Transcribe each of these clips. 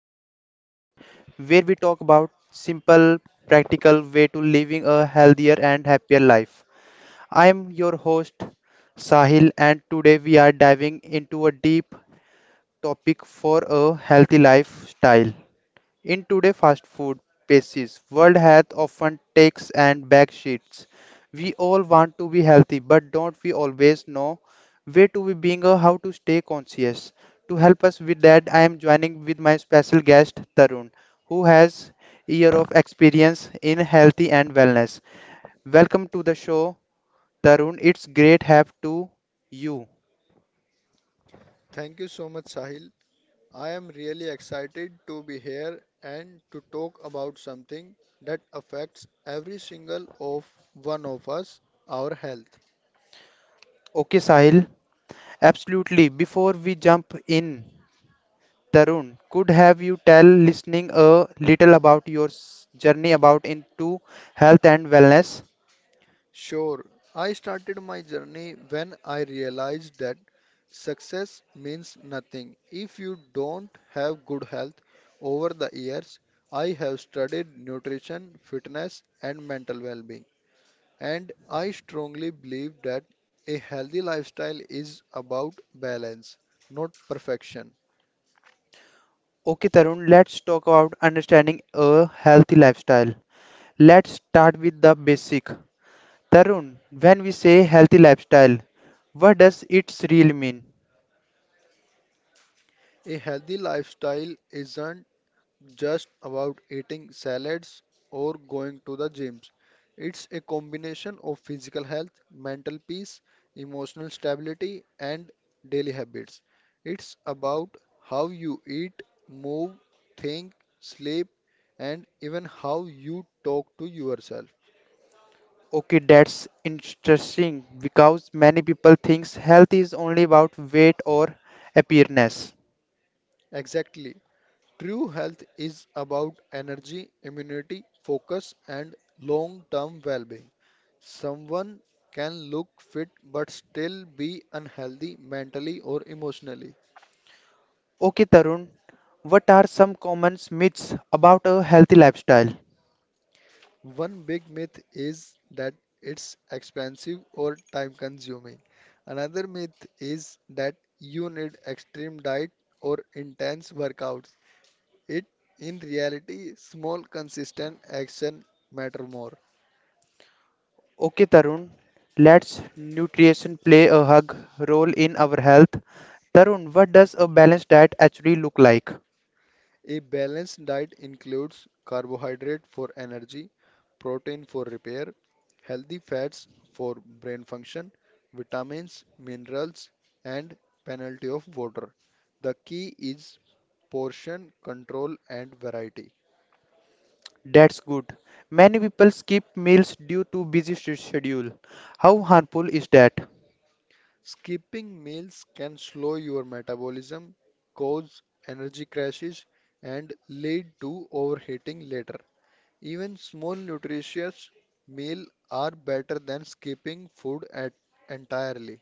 the podcast, where we talk about simple, practical way to living a healthier and happier life. I am your host Sahil and today we are diving into a deep topic for a healthy lifestyle. In today's fast food spaces, world health often takes and back seats. We all want to be healthy, but don't we always know where to be being or how to stay conscious? To help us with that, I am joining with my special guest Tarun, who has year of experience in healthy and wellness. Welcome to the show, Tarun. It's great have to you. Thank you so much, Sahil. I am really excited to be here and to talk about something that affects every single of one of us, our health. Okay, Sahil. Absolutely. Before we jump in, Tarun, could have you tell listening a little about your journey about into health and wellness? Sure, I started my journey when I realized that success means nothing if you don't have good health. Over the years, I have studied nutrition, fitness, and mental well being. And I strongly believe that a healthy lifestyle is about balance, not perfection. Okay, Tarun, let's talk about understanding a healthy lifestyle. Let's start with the basic. Tarun, when we say healthy lifestyle, what does it really mean? A healthy lifestyle isn't just about eating salads or going to the gyms. It's a combination of physical health, mental peace, emotional stability, and daily habits. It's about how you eat, move, think, sleep, and even how you talk to yourself. Okay, that's interesting because many people thinks health is only about weight or appearance. Exactly. True health is about energy, immunity, focus, and long term well being. Someone can look fit but still be unhealthy mentally or emotionally. Okay, Tarun, what are some common myths about a healthy lifestyle? One big myth is that it's expensive or time consuming. Another myth is that you need extreme diet or intense workouts. It in reality small consistent action matter more. Okay, Tarun, let's nutrition play a hug role in our health. Tarun, what does a balanced diet actually look like? A balanced diet includes carbohydrate for energy, protein for repair, healthy fats for brain function, vitamins, minerals, and plenty of water. The key is portion control and variety. That's good. Many people skip meals due to busy schedule. How harmful is that? Skipping meals can slow your metabolism, cause energy crashes, and lead to overheating later. Even small nutritious meal are better than skipping food at entirely.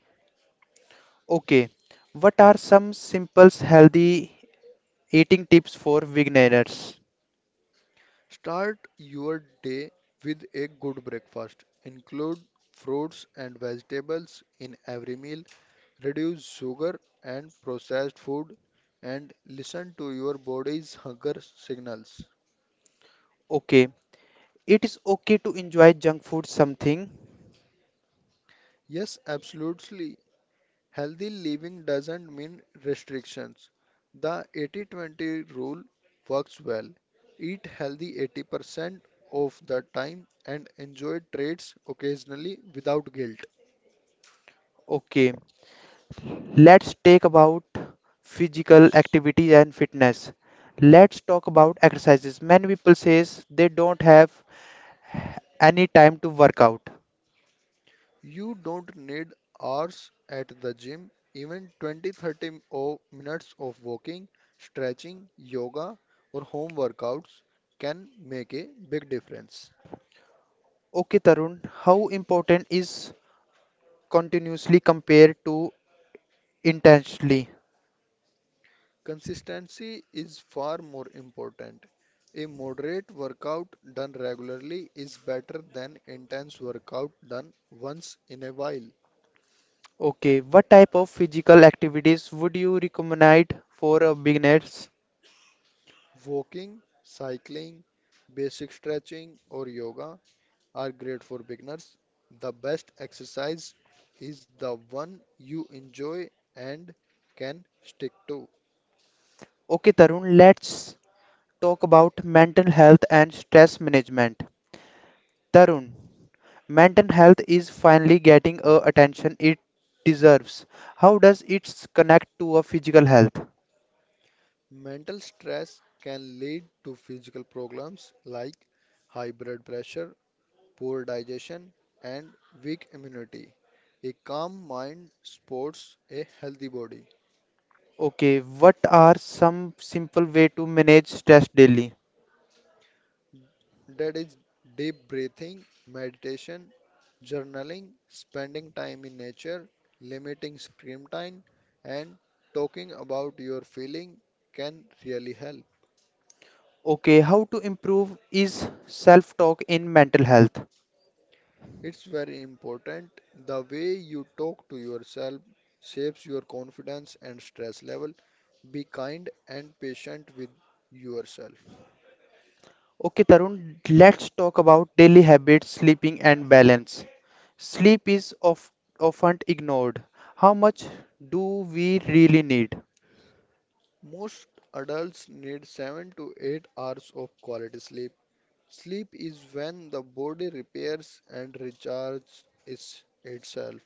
Okay, what are some simple healthy eating tips for beginners? Start your day with a good breakfast. Include fruits and vegetables in every meal. Reduce sugar and processed food and listen to your body's hunger signals. Okay, it is okay to enjoy junk food something. Yes, absolutely. Healthy living doesn't mean restrictions. The 80-20 rule works well. Eat healthy 80% of the time and enjoy treats occasionally without guilt. Okay, let's take about physical activity and fitness. Let's talk about exercises. Many people says they don't have any time to work out. You don't need hours at the gym. Even 20-30 minutes of walking, stretching, yoga or home workouts can make a big difference. Okay, Tarun, how important is continuously compared to intensely? Consistency is far more important. A moderate workout done regularly is better than intense workout done once in a while. Okay, what type of physical activities would you recommend for a beginners? Walking, cycling, basic stretching or yoga are great for beginners. The best exercise is the one you enjoy and can stick to. Okay, Tarun, let's talk about mental health and stress management. Tarun, mental health is finally getting a attention it deserves. How does it connect to a physical health? Mental stress can lead to physical problems like high blood pressure, poor digestion, and weak immunity. A calm mind supports a healthy body. Okay, what are some simple way to manage stress daily? That is deep breathing, meditation, journaling, spending time in nature, limiting screen time, and talking about your feeling can really help. Okay, how to improve is self-talk in mental health. It's very important. The way you talk to yourself shapes your confidence and stress level. Be kind and patient with yourself. Okay, Tarun, let's talk about daily habits, sleeping and balance. Sleep is of, often ignored. How much do we really need? Most adults need 7 to 8 hours of quality sleep. Sleep is when the body repairs and recharges itself.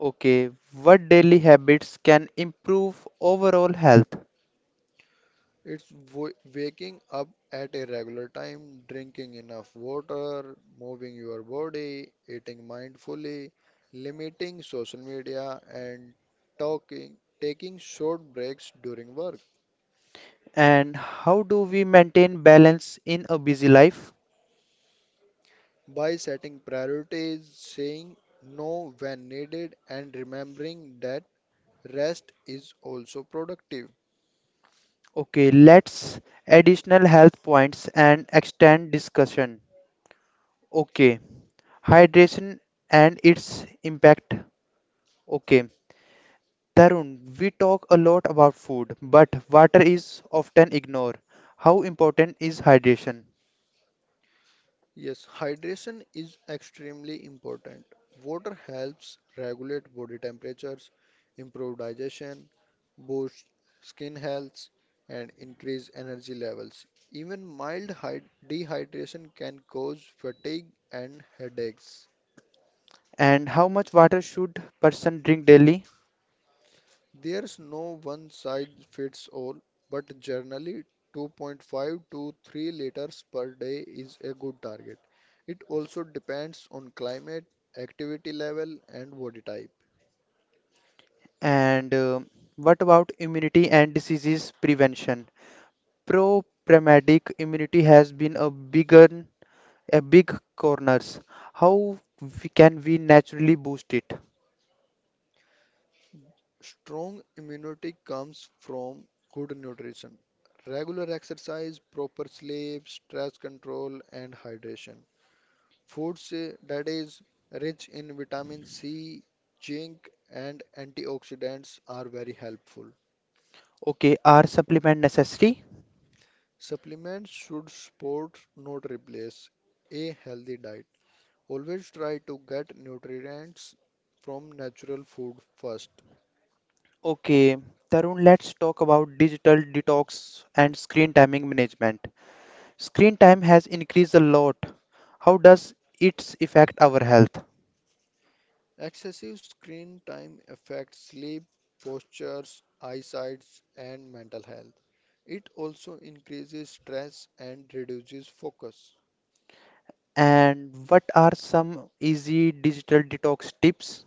Okay, what daily habits can improve overall health It's waking up at a regular time, drinking enough water, moving your body, eating mindfully, limiting social media, and taking short breaks during work. and how do we maintain balance in a busy life? By setting priorities, saying no when needed, and remembering that rest is also productive. Okay, let's additional health points and extend discussion. Okay, hydration and its impact. Okay, Tarun, we talk a lot about food, but water is often ignored. How important is hydration Yes, hydration is extremely important. Water helps regulate body temperatures, improve digestion, boost skin health, and increase energy levels. Even mild dehydration can cause fatigue and headaches. and how much water should person drink daily? There's no one size fits all, but generally 2.5 to 3 liters per day is a good target. It also depends on climate, activity level, and body type. And what about immunity and diseases prevention? Pro-paramedic immunity has been a bigger, A big corners. Can we naturally boost it? Strong immunity comes from good nutrition, regular exercise, proper sleep, stress control, and hydration. Foods that is rich in vitamin C, zinc, and antioxidants are very helpful. Okay, are supplement necessary? Supplements should support, not replace, a healthy diet. Always try to get nutrients from natural food first. Okay, Tarun, let's talk about digital detox and screen timing management. Screen time has increased a lot. How does it affect our health? Excessive screen time affects sleep, postures, eyesight, and mental health. It also increases stress and reduces focus. And what are some easy digital detox tips?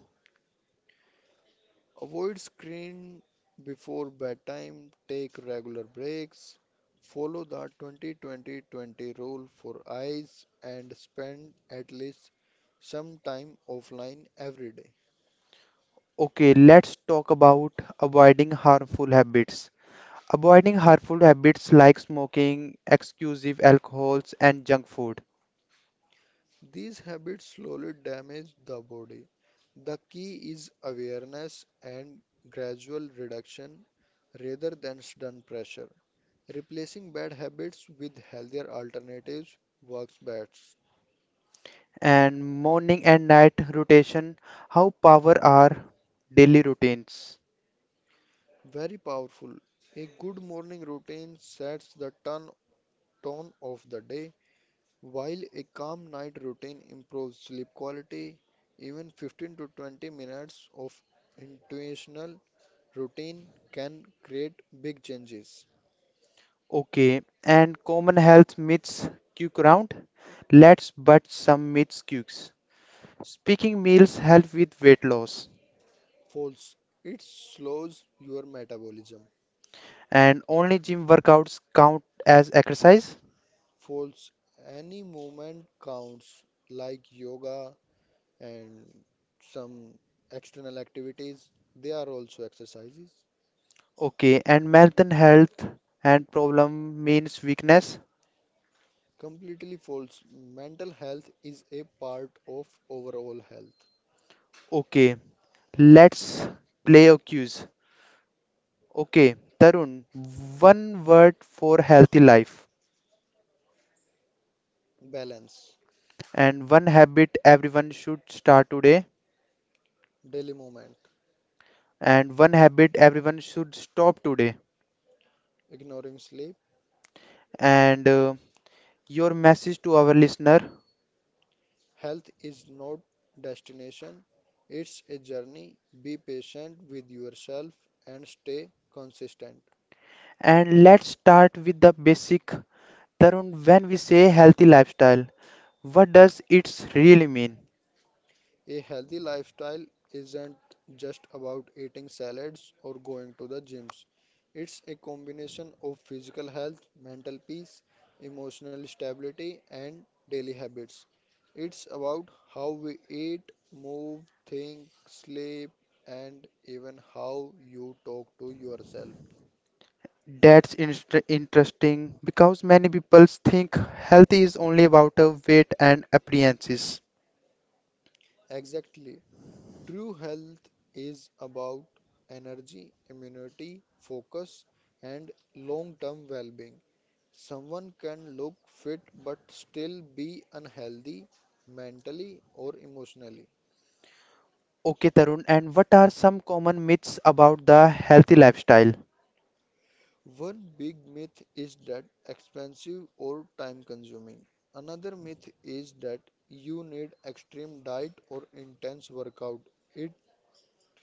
Avoid screen before bedtime, take regular breaks, follow the 20-20-20 rule for eyes, and spend at least some time offline every day. Okay, let's talk about avoiding harmful habits. Avoiding harmful habits like smoking, exclusive alcohols, and junk food, These habits slowly damage the body. The key is awareness and gradual reduction rather than sudden pressure. Replacing bad habits with healthier alternatives works best. and morning and night rotation, how power are daily routines. Very powerful. A good morning routine sets the tone of the day, while a calm night routine improves sleep quality. Even 15 to 20 minutes of intentional routine can create big changes. Okay, and common health myths quick round. Let's bust some myths quicks. Speaking meals help with weight loss, False. It slows your metabolism. and only gym workouts count as exercise. False. Any movement counts, like yoga and some external activities. They are also exercises. Okay, and mental health and problem means weakness. Completely false. Mental health is a part of overall health. Okay, let's play a quiz. Okay, Tarun, one word for healthy life Balance. and one habit everyone should start today Daily movement. and one habit everyone should stop today Ignoring sleep. and your message to our listener. Health is not destination. It's a journey. Be patient with yourself and stay consistent. And let's start with the basic. Tarun, when we say healthy lifestyle, what does it really mean? A healthy lifestyle isn't just about eating salads or going to the gyms. It's a combination of physical health, mental peace, emotional stability, and daily habits. It's about how we eat, move, think, sleep, and even how you talk to yourself. That's interesting because many people think health is only about weight and appearances. Exactly. True health is about energy, immunity, focus, and long term well being. Someone can look fit but still be unhealthy mentally or emotionally. Okay, Tarun, and what are some common myths about the healthy lifestyle? One big myth is that expensive or time consuming. Another myth is that you need extreme diet or intense workout. In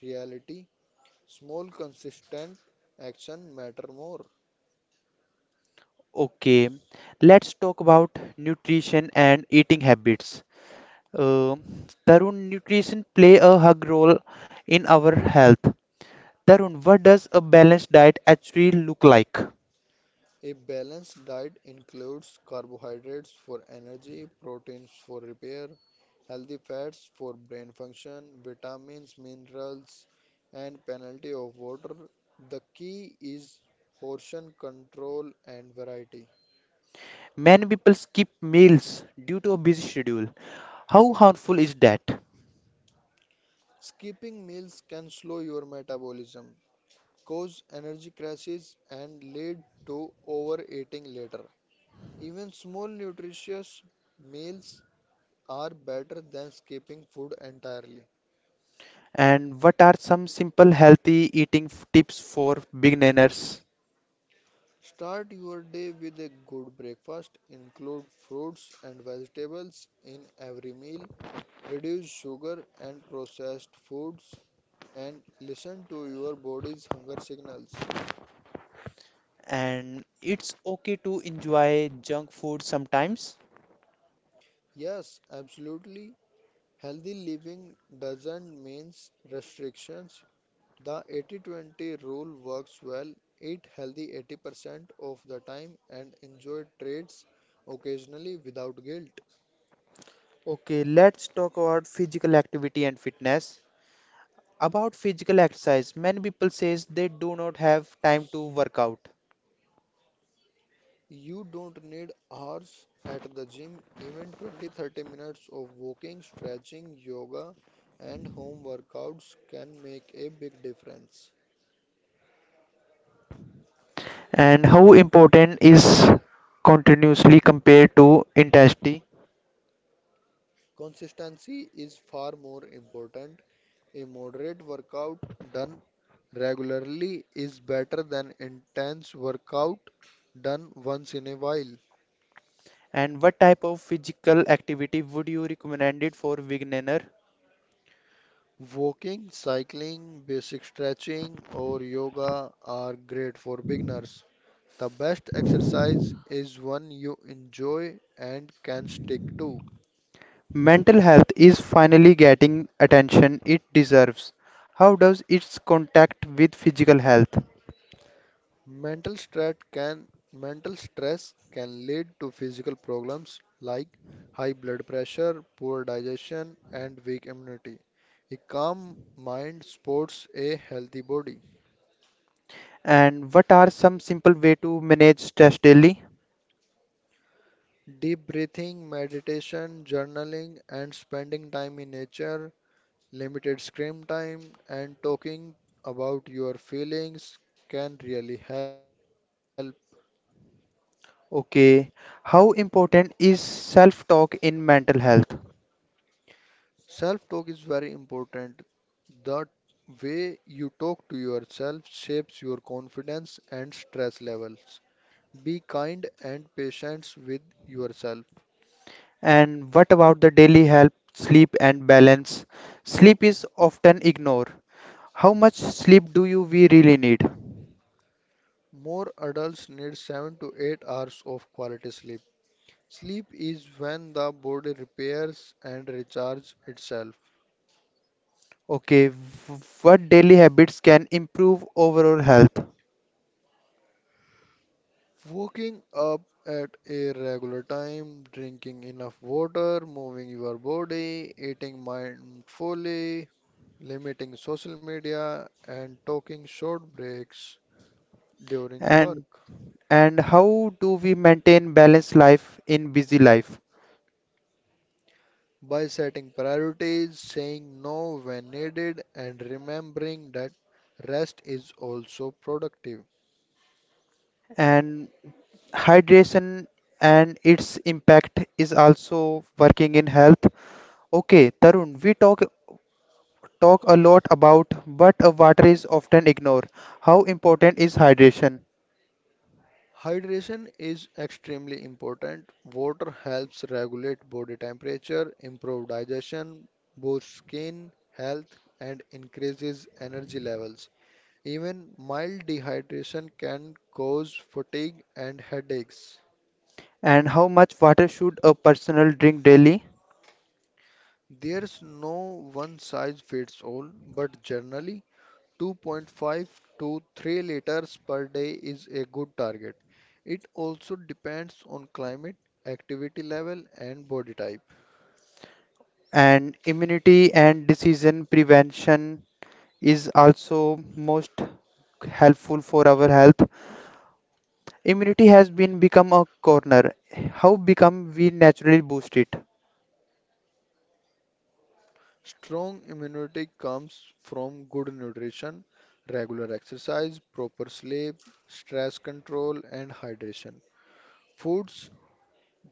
reality, small consistent action matter more. Okay, let's talk about nutrition and eating habits. Uh, Tarun, nutrition play a hug role in our health. Tarun, what does a balanced diet actually look like? A balanced diet includes carbohydrates for energy, proteins for repair, healthy fats for brain function, vitamins, minerals, and plenty of water. The key is portion control and variety. Many people skip meals due to a busy schedule. How harmful is that? Skipping meals can slow your metabolism, cause energy crashes, and lead to overeating later. Even small nutritious meals are better than skipping food entirely. And what are some simple healthy eating tips for beginners? Start your day with a good breakfast. Include fruits and vegetables in every meal. Reduce sugar and processed foods, and listen to your body's hunger signals. And it's okay to enjoy junk food sometimes. Yes, absolutely. Healthy living doesn't mean restrictions. The 80-20 rule works well. Eat healthy 80% of the time and enjoy treats occasionally without guilt. Okay, let's talk about physical activity and fitness. About physical exercise, many people says they do not have time to work out. You don't need hours at the gym, even 20 30 minutes of walking, stretching, yoga, and home workouts can make a big difference. And how important is continuously compared to intensity? Consistency is far more important. A moderate workout done regularly is better than intense workout done once in a while. And what type of physical activity would you recommend it for beginner? Walking, cycling, basic stretching, or yoga are great for beginners. The best exercise is one you enjoy and can stick to. Mental health is finally getting attention it deserves. How does its contact with physical health? Mental stress can Mental stress can lead to physical problems like high blood pressure, poor digestion, and weak immunity. A calm mind supports a healthy body. And what are some simple way to manage stress daily? Deep breathing, meditation, journaling, and spending time in nature, limited screen time, and talking about your feelings can really help. Okay, how important is self-talk in mental health? Self talk is very important. The way you talk to yourself shapes your confidence and stress levels. Be kind and patient with yourself. And what about the daily health, sleep and balance? Sleep is often ignored. How much sleep do you we really need? More adults need 7 to 8 hours of quality sleep. Sleep is when the body repairs and recharges itself. Okay, what daily habits can improve overall health? Waking up at a regular time, drinking enough water, moving your body, eating mindfully, limiting social media, and taking short breaks during And work. and how do we maintain balanced life in busy life By setting priorities, saying no when needed, and remembering that rest is also productive. and hydration and its impact is also working in health. Okay, Tarun, we talk a lot about but water is often ignored. How important is hydration Hydration is extremely important. Water helps regulate body temperature, improve digestion, boosts skin health, and increases energy levels. Even mild dehydration can cause fatigue and headaches. and how much water should a person drink daily There's no one size fits all, but generally 2.5 to 3 liters per day is a good target. It also depends on climate, activity level, and body type. and immunity and disease prevention is also most helpful for our health. Immunity has been become a corner. How become we naturally boost it? Strong immunity comes from good nutrition, regular exercise, proper sleep, stress control, and hydration. Foods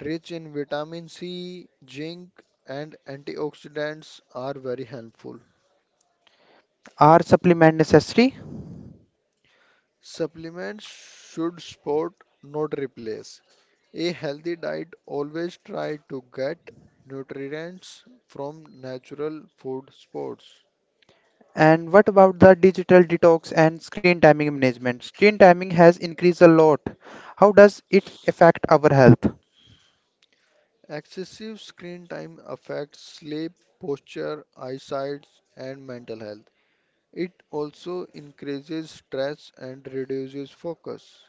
rich in vitamin C, zinc, and antioxidants are very helpful. Are supplement necessary? Supplements should support, not replace. A healthy diet always try to get nutrients from natural food sources. And what about the digital detox and screen timing management? Screen timing has increased a lot. How does it affect our health? Excessive screen time affects sleep, posture, eyesight, and mental health. It also increases stress and reduces focus.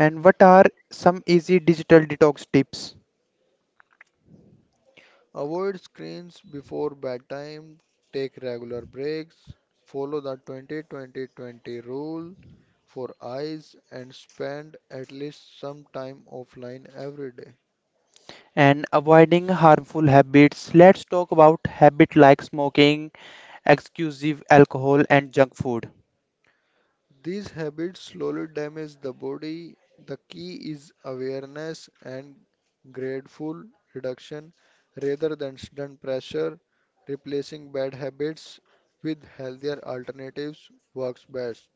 And what are some easy digital detox tips? Avoid screens before bedtime, take regular breaks, follow the 20-20-20 rule for eyes, and spend at least some time offline every day. And avoiding harmful habits. Let's talk about habit like smoking, exclusive alcohol and junk food. These habits slowly damage the body. The key is awareness and gradeful reduction rather than sudden pressure. Replacing bad habits with healthier alternatives works best.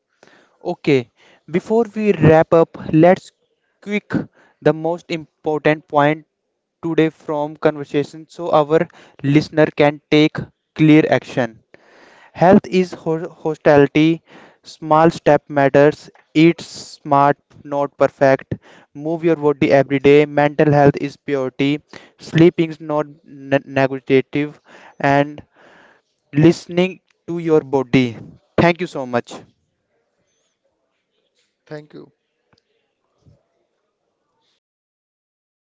Okay, before we wrap up, let's quick the most important point today from conversation so our listener can take clear action. Health is hostility, small step matters, eat smart, not perfect, move your body every day, mental health is purity, sleeping is not negotiative, and listening to your body. Thank you so much. Thank you.